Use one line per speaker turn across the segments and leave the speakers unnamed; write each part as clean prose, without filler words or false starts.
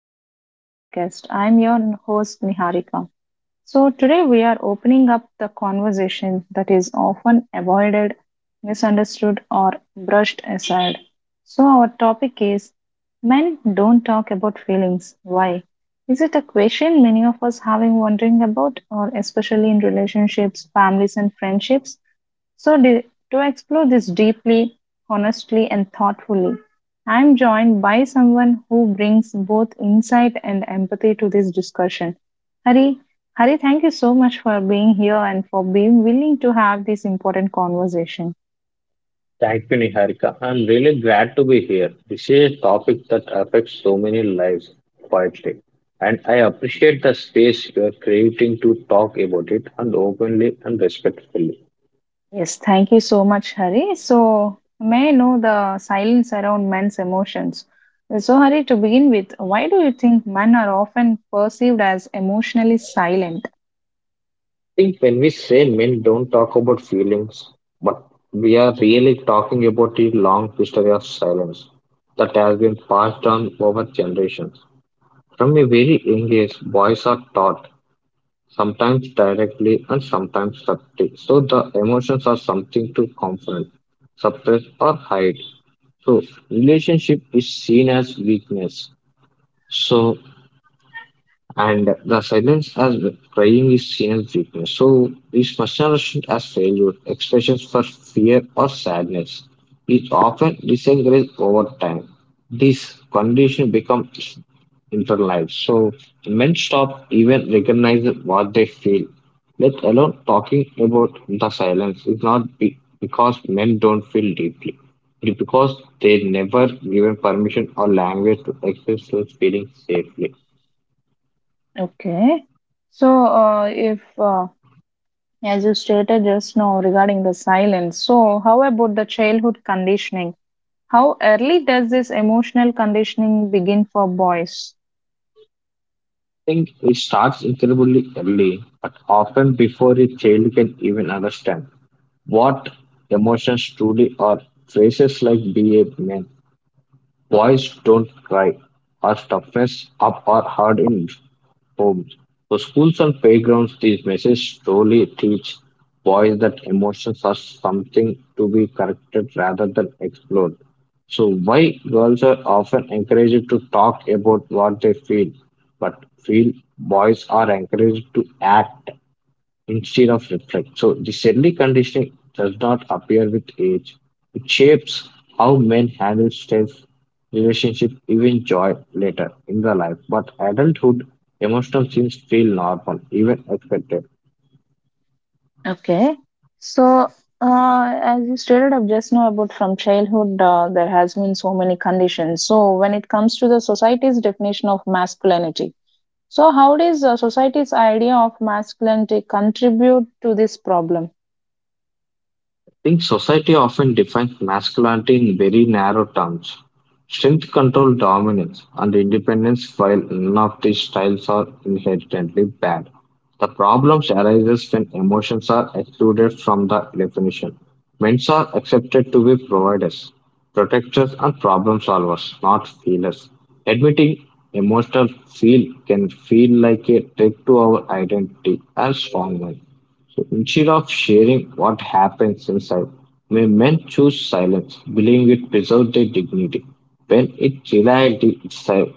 back to our podcast. I'm your host, Niharika. So, today we are opening up the conversation that is often avoided, misunderstood, or brushed aside. So, our topic is Men Don't Talk About Feelings. Why? Is it a question many of us have been wondering about, or especially in relationships, families, and friendships? So, to explore this deeply, honestly, and thoughtfully, I'm joined by someone who brings both insight and empathy to this discussion. Hari, Hari, thank you so much for being here and for being willing to have this important conversation.
Thank you, Niharika. I'm really glad to be here. This is a topic that affects so many lives quietly. And I appreciate the space you are creating to talk about it and openly and respectfully.
Yes, thank you so much, Hari. So, may I know the silence around men's emotions? So, Hari, to begin with, why do you think men are often perceived as emotionally silent?
I think when we say men don't talk about feelings, but we are really talking about a long history of silence that has been passed on over generations. From a very young age, boys are taught sometimes directly and sometimes subtly. So the emotions are something to confront, suppress, or hide. So relationship is seen as weakness. So and the silence as crying is seen as weakness. So it's misunderstood as failure. Expressions for fear or sadness is often disencouraged over time. This condition becomes internalized. So men stop even recognizing what they feel. Let alone talking about the silence. Is not because men don't feel deeply. It's because they never given permission or language to express those feelings safely.
Okay. So, if As you stated just now regarding the silence, so how about the childhood conditioning? How early does this emotional conditioning begin for boys?
I think it starts incredibly early, but often before a child can even understand what emotions truly are. Phrases like be a man, Boys Don't Cry are toughest up or hard in homes. So schools and playgrounds these messages slowly teach boys that emotions are something to be corrected rather than explored. So why girls are often encouraged to talk about what they feel, but feel boys are encouraged to act instead of reflect. So descending conditioning does not appear with age. It shapes how men handle stress, relationship, even joy later in the life. But adulthood, emotional things feel normal, even expected.
Okay, so as you stated up just now about from childhood, there has been so many conditions. So when it comes to the society's definition of masculinity, so how does society's idea of masculinity contribute to this problem?
I think society often defines masculinity in very narrow terms: strength, control, dominance, and independence. While none of these styles are inherently bad, the problems arises when emotions are excluded from the definition. Men are accepted to be providers, protectors, and problem solvers, not feelers. Admitting emotional feel can feel like a threat to our identity as strong men. So instead of sharing what happens inside, may men choose silence, believing it preserves their dignity. When in reality itself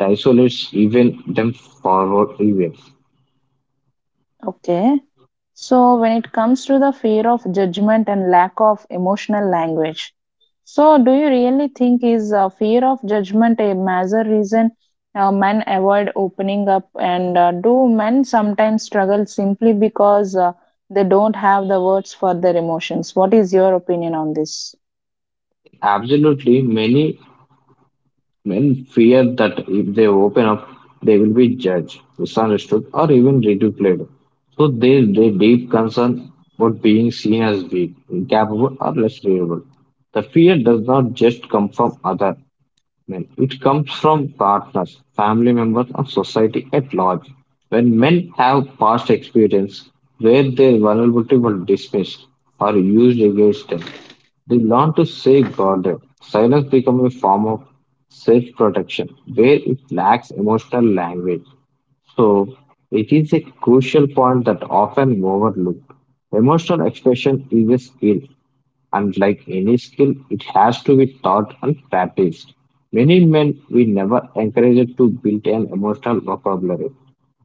isolates even them forward events.
Okay. So, when it comes to the fear of judgment and lack of emotional language, so do you really think is fear of judgment a major reason men avoid opening up? And do men sometimes struggle simply because they don't have the words for their emotions? What is your opinion on this?
Absolutely, many men fear that if they open up, they will be judged, misunderstood, or even ridiculed. So their deep concern about being seen as weak, incapable, or less reliable. The fear does not just come from others, men. It comes from partners, family members, or society at large. When men have past experience where their vulnerability was dismissed or used against them, they learn to safeguard it. Silence becomes a form of self protection where it lacks emotional language. So, it is a crucial point that often overlooked. Emotional expression is a skill, and like any skill, it has to be taught and practiced. Many men we never encourage to build an emotional vocabulary.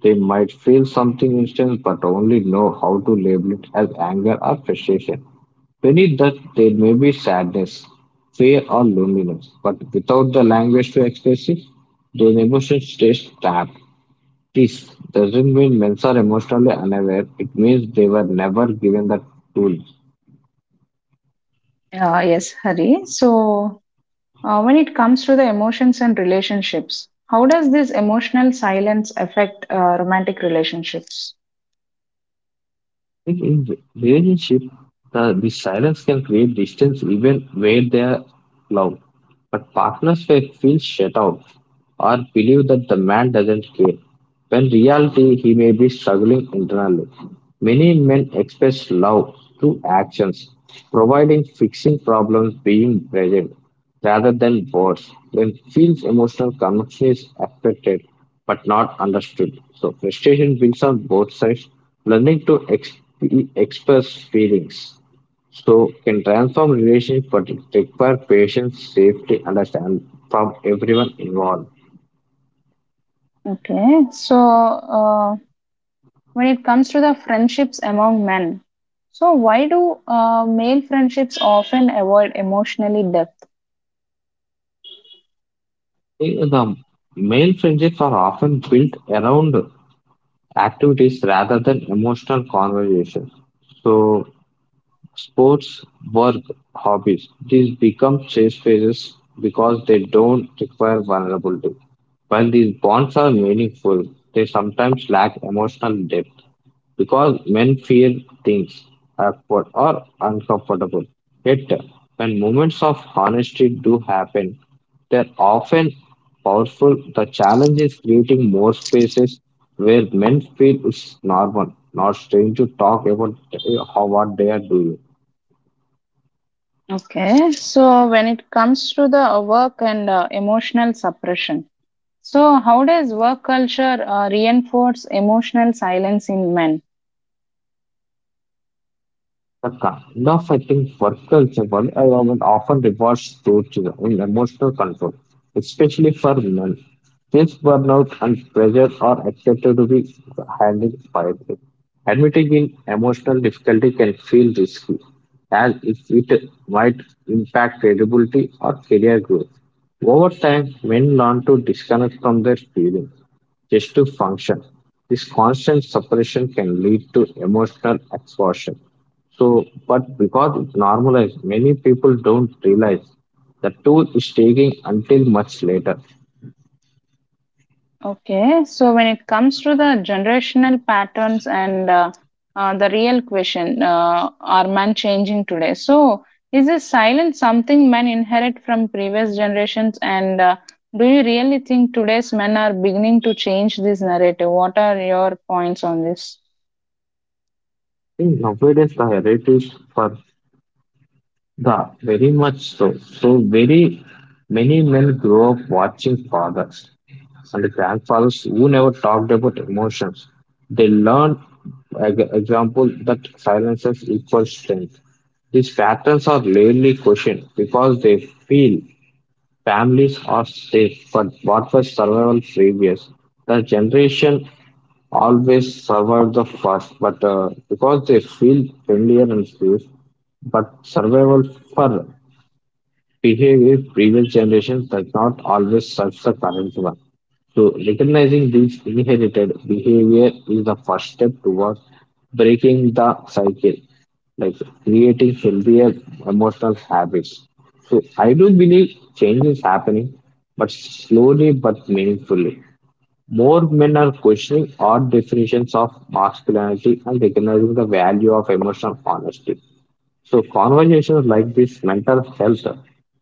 They might feel something instant but only know how to label it as anger or frustration. Beneath that, there may be sadness, fear, or loneliness, but without the language to express it, those emotions stay trapped. This doesn't mean men are emotionally unaware, it means they were never given the tool.
Yes, Hari. So, when it comes to the emotions and relationships, how does this emotional silence affect romantic relationships?
Like in relationship, the silence can create distance even where they are loved. But partners may feel shut out or believe that the man doesn't care. When reality he may be struggling internally. Many men express love through actions, providing, fixing problems, being present rather than words. When feels emotional connection is expected but not understood. So frustration builds on both sides. Learning to express feelings so can transform relationship, but it require patience, safety, understand from everyone involved.
Okay, so uh, when it comes to the friendships among men, so why do male friendships often avoid emotionally depth?
The male friendships are often built around activities rather than emotional conversations. So, sports, work, hobbies, these become safe spaces because they don't require vulnerability. While these bonds are meaningful, they sometimes lack emotional depth because men fear things awkward or uncomfortable. Yet, when moments of honesty do happen, they're often powerful. The challenge is creating more spaces where men feel it's normal, not strange to talk about how what they are doing.
Okay, so when it comes to the work and emotional suppression, so how does work culture reinforce emotional silence in men?
The kind of, I think, worker environment often rewards in emotional control, especially for women. This burnout and pressure are expected to be handled quietly. Admitting in emotional difficulty can feel risky, as it might impact credibility or career growth. Over time, men learn to disconnect from their feelings just to function. This constant suppression can lead to emotional exhaustion, so, but because it's normalized, many people don't realize the tool is taking until much later.
Okay, so when it comes to the generational patterns and the real question, are man changing today? So, is this silence something men inherit from previous generations? And do you really think today's men are beginning to change this narrative? What are your points on this?
In nowadays, the narratives for the very much so. So, very many men grow up watching fathers and grandfathers who never talked about emotions. They learn, example, that silences equals strength. These patterns are rarely questioned because they feel families are safe, but what was survival previous? The generation always survived the first, but because they feel familiar and safe, but survival for behavior previous generations does not always serve the current one. So, recognizing these inherited behavior is the first step towards breaking the cycle, like creating healthier emotional habits. So, I do believe change is happening, but slowly but meaningfully. More men are questioning odd definitions of masculinity and recognizing the value of emotional honesty. So, conversations like this, mental health,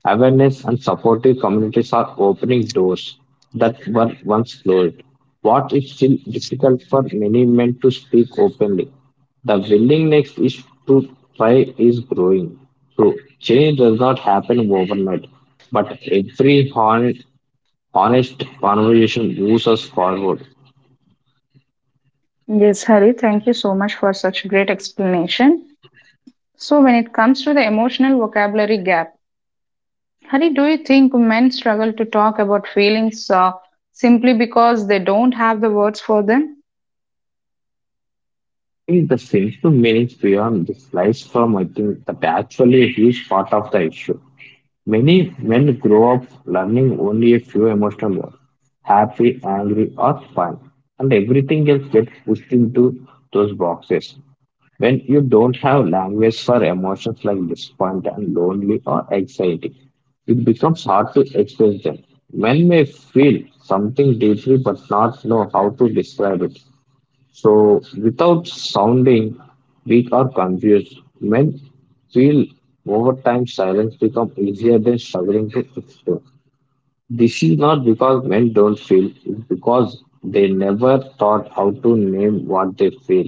awareness, and supportive communities are opening doors that were once closed. What is still difficult for many men to speak openly, the willingness is to try is growing. So, change does not happen overnight, but every honest conversation moves us forward.
Yes, Hari, thank you so much for such great explanation. So, when it comes to the emotional vocabulary gap, Hari, do you think men struggle to talk about feelings simply because they don't have the words for them?
Is the simple meanings beyond this lies from I think that actually a huge part of the issue. Many men grow up learning only a few emotional words: happy, angry, or fun, and everything else gets pushed into those boxes. When you don't have language for emotions like disappointment, lonely, or anxiety, it becomes hard to express them. Men may feel something deeply but not know how to describe it. So, without sounding weak or confused, men feel over time silence becomes easier than struggling to explain. This is not because men don't feel, it's because they never thought how to name what they feel.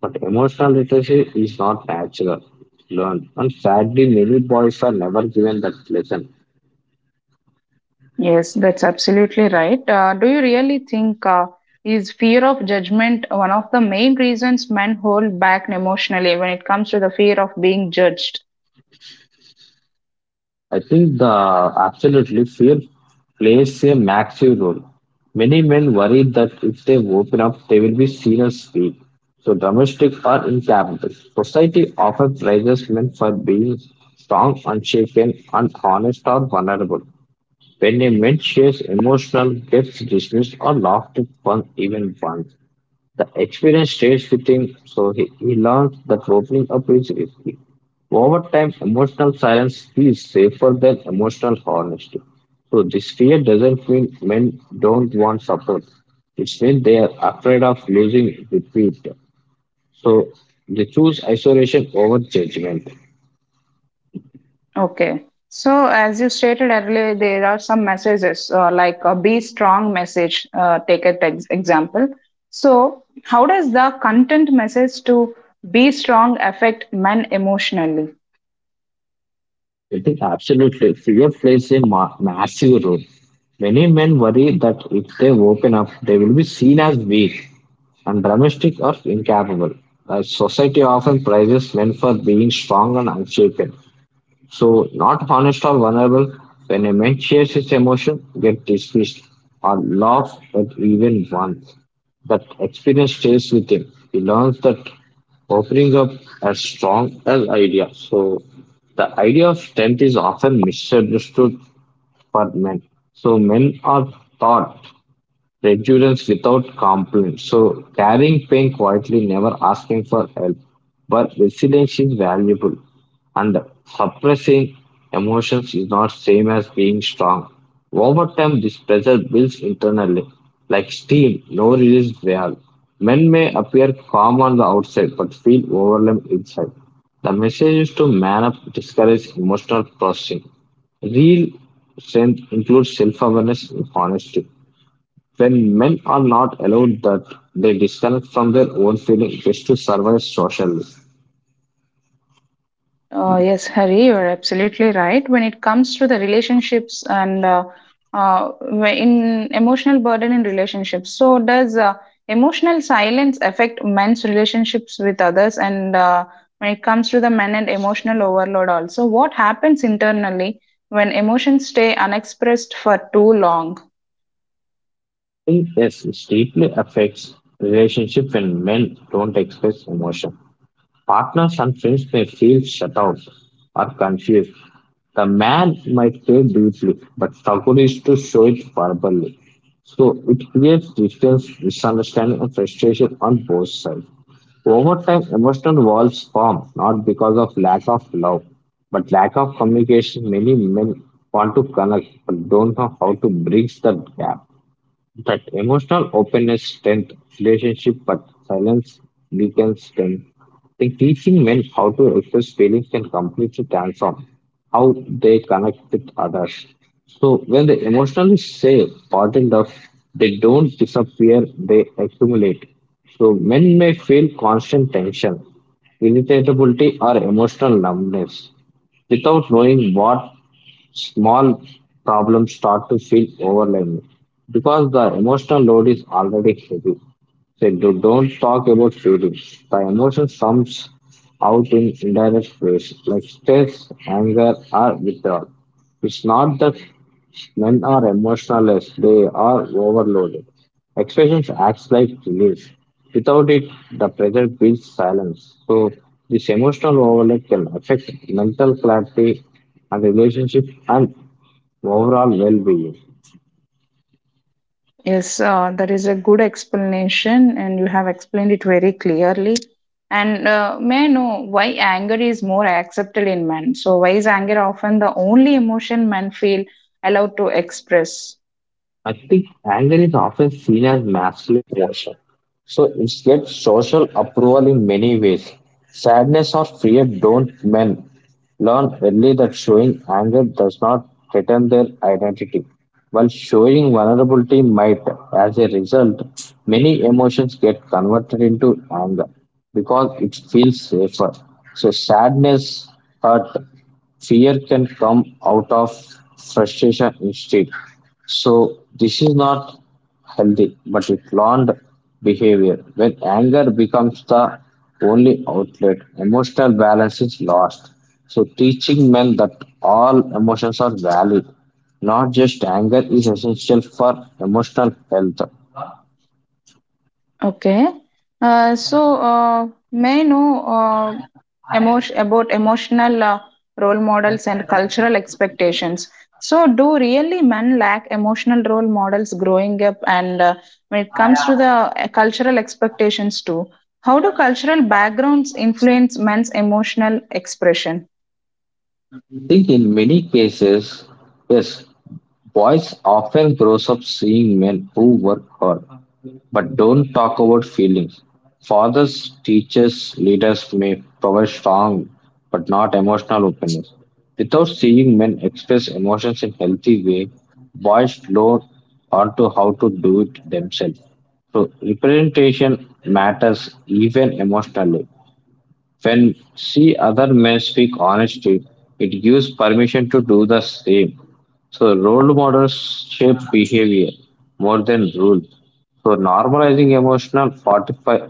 But emotional literacy is not natural, learned, and sadly, many boys are never given that lesson.
Yes, that's absolutely right. Do you really think is fear of judgment one of the main reasons men hold back emotionally when it comes to the fear of being judged?
I think the absolutely fear plays a massive role. Many men worry that if they open up, they will be seen as weak, so domestic or incapable. Society often praises men for being strong, unshaken, and honest or vulnerable. When a man shares emotional, gets dismissed or laughed at, one even once. The experience stays with him, so he learns that opening up is risky. Over time, emotional silence feels safer than emotional honesty. So this fear doesn't mean men don't want support. It means they are afraid of losing repeat. So they choose isolation over judgment.
Okay. So, as you stated earlier, there are some messages like a be strong message. Take it example. So, how does the content message to be strong affect men emotionally?
I think absolutely fear plays a massive role. Many men worry that if they open up, they will be seen as weak, and domestic are incapable. Society often prizes men for being strong and unshaken. So, not honest or vulnerable, when a man shares his emotion, get dismissed or laughed at even once. That experience stays with him. He learns that opening up as strong as idea. So, the idea of strength is often misunderstood for men. So, men are taught recurrence without complaint. So carrying pain quietly, never asking for help. But resilience is valuable. And suppressing emotions is not same as being strong. Over time, this pressure builds internally. Like steam, no release valve. Men may appear calm on the outside but feel overwhelmed inside. The message is to man up, discourage emotional processing. Real strength includes self awareness and honesty. When men are not allowed that, they disconnect from their own feeling just to survive socially. I
Yes, Hari, you're absolutely right. When it comes to the relationships and in emotional burden in relationships, so does emotional silence affect men's relationships with others? And when it comes to the men and emotional overload, also, what happens internally when emotions stay unexpressed for too long?
think yes, it deeply affects relationship when men don't express emotion. Partners and friends may feel shut out or confused. The man might care deeply, but struggle is to show it verbally. So it creates distance, misunderstanding, and frustration on both sides. Over time, emotional walls form not because of lack of love, but lack of communication. Many men want to connect but don't know how to bridge the gap. That emotional openness strengthens relationship, but silence weakens them. I think teaching men how to express feelings can completely transform how they connect with others. So when they emotionally say pardoned up, they don't disappear, they accumulate. So men may feel constant tension, irritability or emotional numbness without knowing what small problems start to feel overwhelming because the emotional load is already heavy. So don't talk about feelings. The emotion comes out in indirect ways like stress, anger, or withdrawal. It's not that men are emotionless, they are overloaded. Expressions acts like relief. Without it, the pressure builds silence. So this emotional overload can affect mental clarity and relationship and overall well-being.
Yes, that is a good explanation, and you have explained it very clearly. And may I know why anger is more accepted in men? So, why is anger often the only emotion men feel allowed to express?
I think anger is often seen as masculine emotion, so it gets social approval in many ways. Sadness or fear don't men learn early that showing anger does not threaten their identity, while showing vulnerability might. As a result, many emotions get converted into anger because it feels safer. So sadness, hurt, fear can come out of frustration instead. So this is not healthy, but it's learned behavior. When anger becomes the only outlet, emotional balance is lost. So teaching men that all emotions are valid, not just anger, is essential for emotional health. I
Okay. Uh, so, may I know emotion about emotional role models and cultural expectations. So, do really men lack emotional role models growing up? And when it comes to the cultural expectations too, how do cultural backgrounds influence men's emotional expression?
think in many cases, yes, boys often grows up seeing men who work hard but don't talk about feelings. Fathers, teachers, leaders may provide strong but not emotional openness. Without seeing men express emotions in healthy way, boys learn onto how to do it themselves. So representation matters even emotionally. When see other men speak honesty, it gives permission to do the same. So role models shape behavior more than rules. So normalizing emotional fortify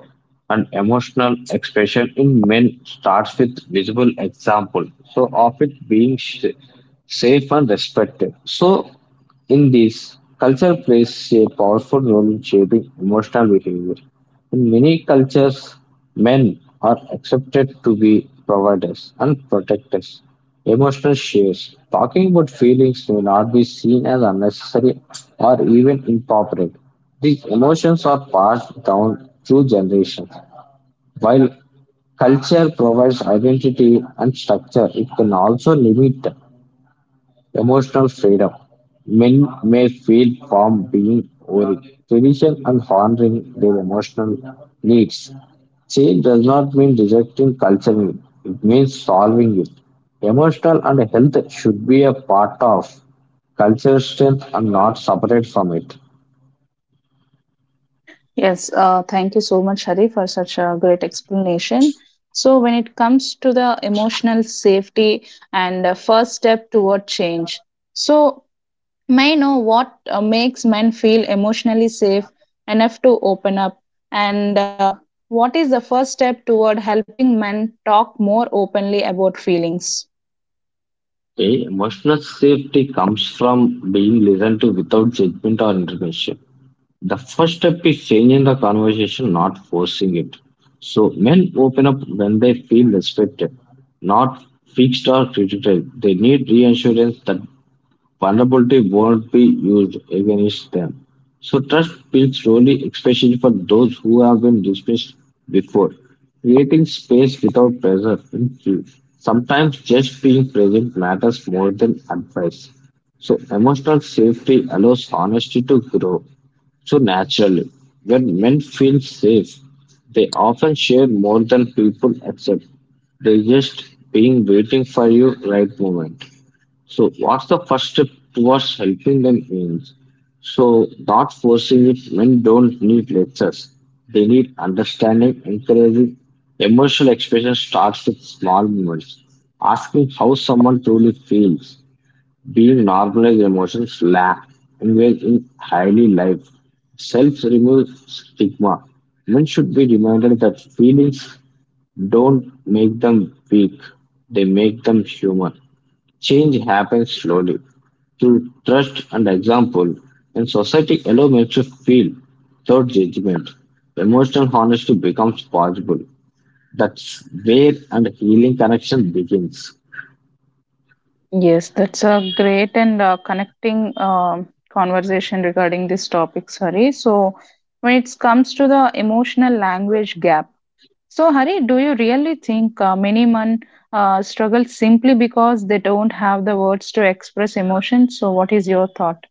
and emotional expression in men starts with visible example. So of it being safe and respected. So in this culture plays a powerful role in shaping emotional behavior. In many cultures, men are accepted to be providers and protectors. Emotional shares. Talking about feelings may not be seen as unnecessary or even inappropriate. These emotions are passed down through generations. While culture provides identity and structure, it can also limit emotional freedom. Men may feel from being worried, tradition, and honoring their emotional needs. Change does not mean rejecting culture, it means solving it. Emotional and health should be a part of culture strength and not separate from it.
Yes, thank you so much, Hari, for such a great explanation. So, when it comes to the emotional safety and first step toward change, so may I know what makes men feel emotionally safe enough to open up, and what is the first step toward helping men talk more openly about feelings?
Okay, emotional safety comes from being listened to without judgment or intervention. The first step is changing the conversation, not forcing it. So men open up when they feel respected, not fixed or critical. They need reassurance that vulnerability won't be used against them. So trust builds slowly, especially for those who have been dismissed before. Creating space without pressure. Influence. Sometimes just being present matters more than advice. So emotional safety allows honesty to grow so naturally, when men feel safe, they often share more than people accept. They just being waiting for your right moment. So what's the first step towards helping them is? So not forcing it men don't need lectures. They need understanding, encouraging. Emotional expression starts with small moments. Asking how someone truly feels being normalized emotions laugh, engage in highly life. Self remove stigma. Men should be reminded that feelings don't make them weak, they make them human. Change happens slowly through trust and example, and society allows men to feel without judgment. Emotional honesty becomes possible. That's where and healing connection begins.
Yes, that's a great and connecting conversation regarding this topic, Hari. So, when it comes to the emotional language gap, so Hari, do you really think many men struggle simply because they don't have the words to express emotion? So, what is your thought?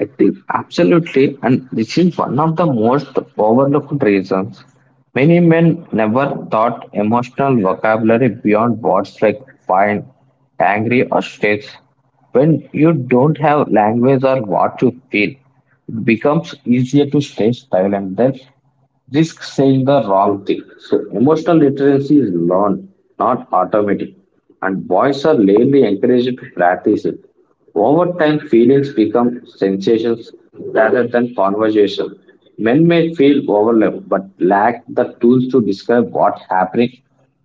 I think absolutely, and this is one of the most overlooked reasons. Many men never thought emotional vocabulary beyond words like fine, angry, or stressed. When you don't have language or what you feel, it becomes easier to stay silent. Then risk saying the wrong thing. So emotional literacy is learned, not automatic. And boys are rarely encouraged to practice it. Over time, feelings become sensations rather than conversation. Men may feel overwhelmed but lack the tools to describe what's happening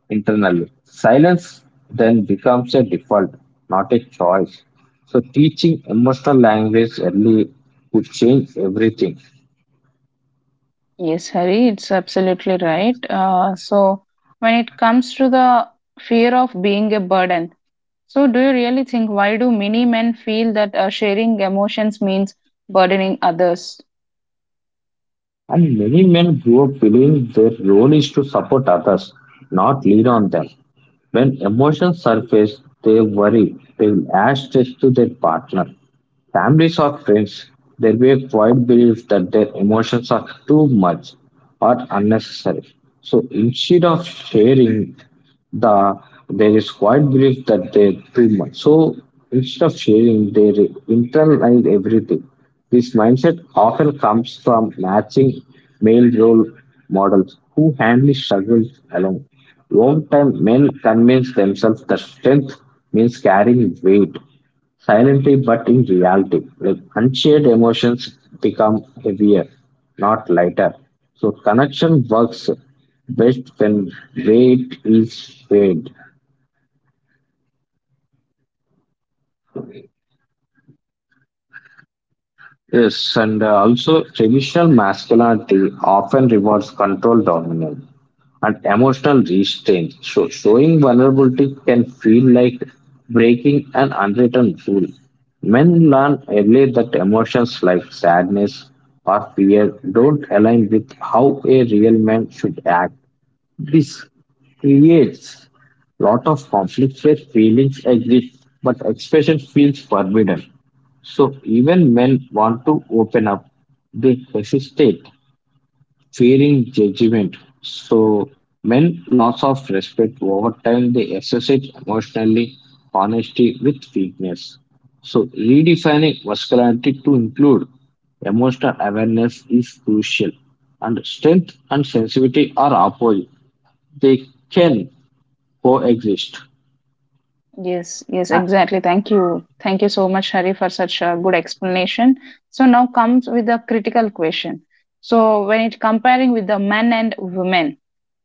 internally. Silence then becomes a default, not a choice. So teaching emotional language early could change everything.
Yes, Hari, it's absolutely right. When it comes to the fear of being a burden, so, do you really think why do many men feel that sharing emotions means burdening others?
And many men grow up feeling their role is to support others, not lead on them. When emotions surface, they worry, they will add stress to their partner. Families or friends, there will be a quiet belief that their emotions are too much or unnecessary. So instead of sharing, the there is quite belief that they too much. So instead of sharing, they internalize everything. This mindset often comes from matching male role models who handle struggles alone. Long time men convince themselves that strength means carrying weight, silently but in reality. Like unshared emotions become heavier, not lighter. So connection works best when weight is shared. Yes, and also traditional masculinity often rewards control dominance and emotional restraint. So showing vulnerability can feel like breaking an unwritten rule. Men learn early that emotions like sadness or fear don't align with how a real man should act. This creates lot of conflicts where feelings exist, but expression feels forbidden. So even men want to open up, they hesitate, fearing judgment. So men loss of respect over time they associate emotionally honesty with weakness. So redefining masculinity to include emotional awareness is crucial. And strength and sensitivity are opposite. They can coexist.
Yes, yes, exactly. Thank you. Thank you so much, Hari, for such a good explanation. So, now comes with a critical question. So, when it comparing with the men and women,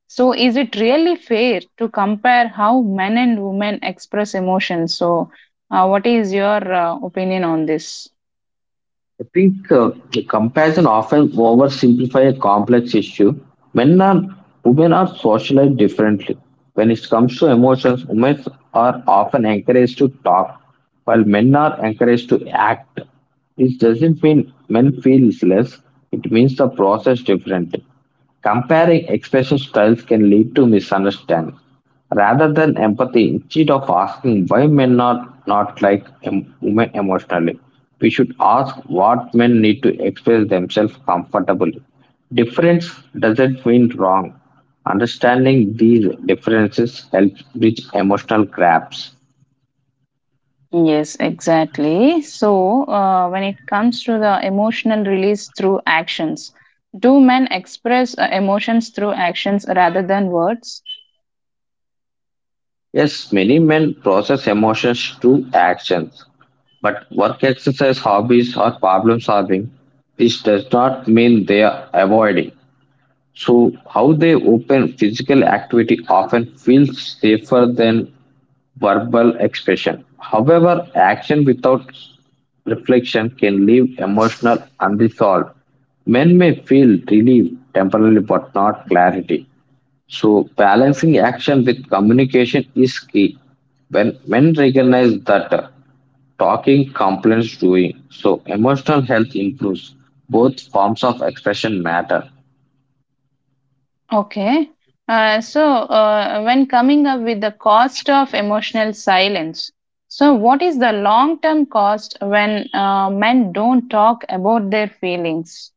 so is it really fair to compare how men and women express emotions? So, what is your opinion on this?
I think the comparison often oversimplify a complex issue. Men and women are socialized differently. When it comes to emotions, women are often encouraged to talk, while men are encouraged to act. This doesn't mean men feel less, it means the process differently. Comparing expression styles can lead to misunderstanding. Rather than empathy, instead of asking why men are not like women emotionally, we should ask what men need to express themselves comfortably. Difference doesn't mean wrong. Understanding these differences helps bridge emotional gaps.
Yes, exactly. So, when it comes to the emotional release through actions, do men express emotions through actions rather than words?
Yes, many men process emotions through actions, but work exercise hobbies or problem solving this does not mean they are avoiding. So, how they open physical activity often feels safer than verbal expression. However, action without reflection can leave emotional unresolved. Men may feel relief temporarily but not clarity. So, balancing action with communication is key. When men recognize that talking complements doing, so emotional health improves. Both forms of expression matter.
Okay. When coming up with the cost of emotional silence, so what is the long term cost when men don't talk about their feelings?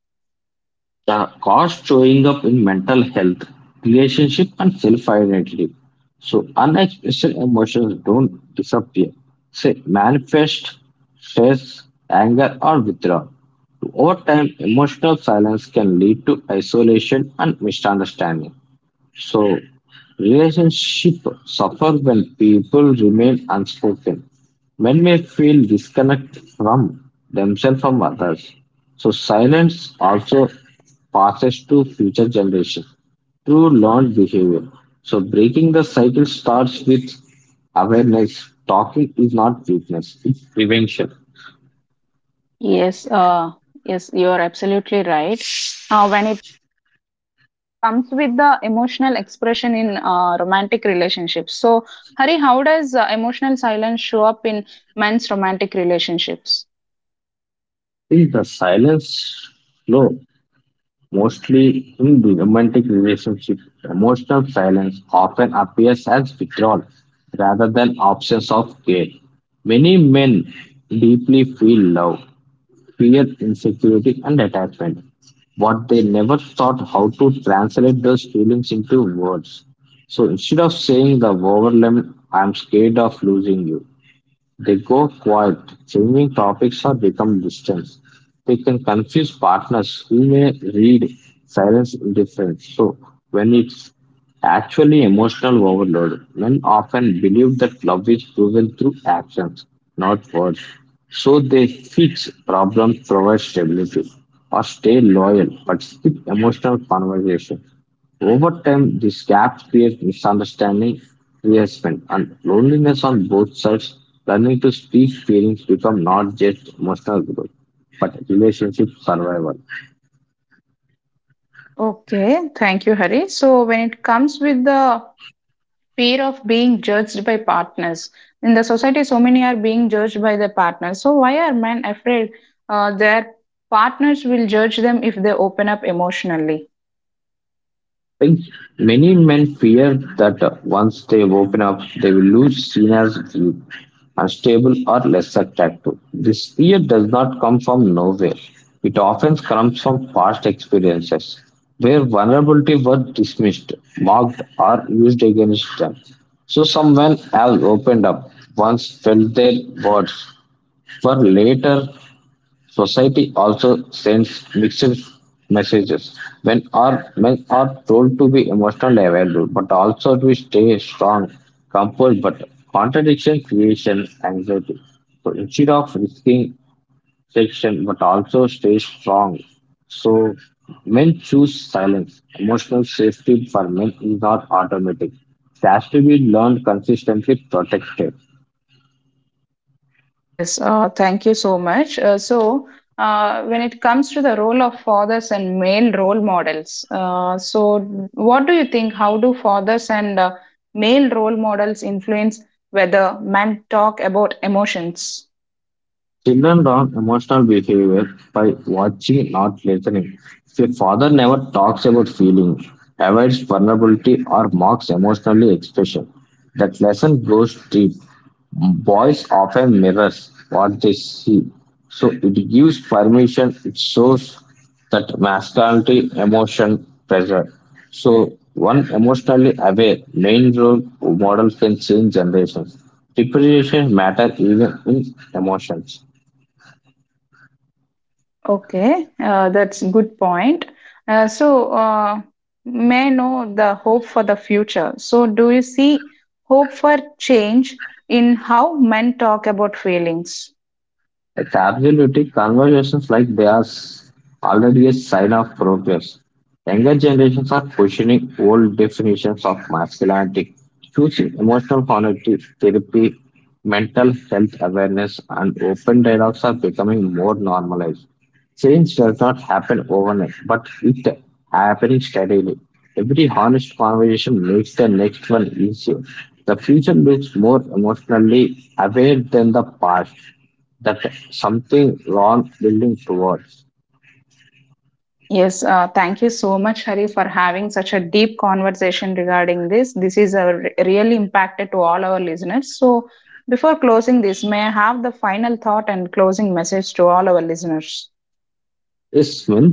The cost showing up in mental health, relationship, and self identity. So, unexpressed emotions don't disappear, they manifest stress, anger, or withdrawal. Over time, emotional silence can lead to isolation and misunderstanding. So, relationship suffer when people remain unspoken. Men may feel disconnect from themselves from others. So, silence also passes to future generations through learned behavior. So, breaking the cycle starts with awareness. Talking is not weakness; it's prevention.
Yes, yes, you are absolutely right. When it comes with the emotional expression in romantic relationships. So, Hari, how does emotional silence show up in men's romantic relationships?
In the silence flow mostly in the romantic relationship, emotional silence often appears as withdrawal rather than absence of care. Many men deeply feel love, fear, insecurity, and attachment, but they never thought how to translate those feelings into words. So instead of saying the overwhelming, I'm scared of losing you, they go quiet, changing topics or become distant. They can confuse partners who may read silence indifference. So, when it's actually emotional overload, men often believe that love is proven through actions, not words. So, they fix problems, provide stability, or stay loyal but skip emotional conversation. Over time, this gap creates misunderstanding, resentment, and loneliness on both sides. Learning to speak feelings become not just emotional growth, but relationship survival.
Okay, thank you, Hari. So, when it comes with the fear of being judged by partners, in the society, so many are being judged by their partners. So, why are men afraid their partners will judge them if they open up emotionally?
Like many men fear that once they open up, they will lose seen as weak, unstable, or less attractive. This fear does not come from nowhere. It often comes from past experiences where vulnerability was dismissed, mocked, or used against them. So, someone has opened up, once felt their words were later. Society also sends mixed messages. When are men are told to be emotionally available, but also to stay strong, composed, but contradiction creation anxiety. So instead of risking section, but also stay strong. So men choose silence. Emotional safety for men is not automatic. It has to be learned consistently protected.
Yes, thank you so much. When it comes to the role of fathers and male role models, so what do you think? How do fathers and male role models influence whether men talk about emotions?
Children learn emotional behavior by watching, not listening. If a father never talks about feeling, avoids vulnerability, or mocks emotionally expression, that lesson goes deep. Boys often mirrors what they see, so it gives permission. It shows that masculinity, emotion, pressure. So one emotionally aware main role model can change generations. Preparation matter even in emotions.
Okay, that's good point. Uh, so, uh, may I know the hope for the future. So, do you see hope for change in how men talk about feelings?
It's absolutely conversations like already a sign of progress. Younger generations are questioning old definitions of masculinity, choosing emotional honesty, therapy, mental health awareness, and open dialogues are becoming more normalized. Change does not happen overnight, but it happening steadily. Every honest conversation makes the next one easier. The future looks more emotionally aware than the past that something wrong building towards
Yes, thank you so much, Hari, for having such a deep conversation regarding this. This is a really impacted to all our listeners. So, before closing this, may I have the final thought and closing message to all our listeners?
is when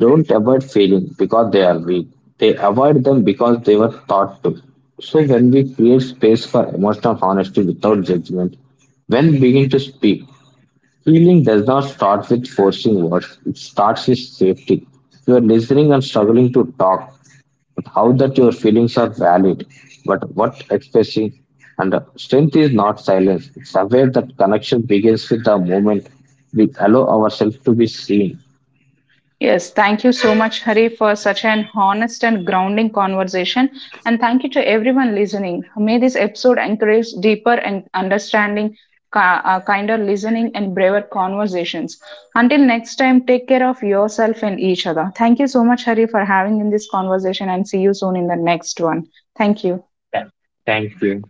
don't avoid failing because they are weak. They avoid them because they were taught to. So when we create space for emotional honesty without judgment, when we begin to speak, healing does not start with forcing words. It starts with safety. You are listening and struggling to talk. How that your feelings are valid, but what expressing and strength is not silence. It's aware that connection begins with the moment we allow ourselves to be seen.
Yes, thank you so much, Hari, for such an honest and grounding conversation. And thank you to everyone listening. May this episode encourage deeper and understanding, kinder listening, and braver conversations. Until next time, take care of yourself and each other. Thank you so much, Hari, for having in this conversation, and see you soon in the next one. Thank you.
Thank you.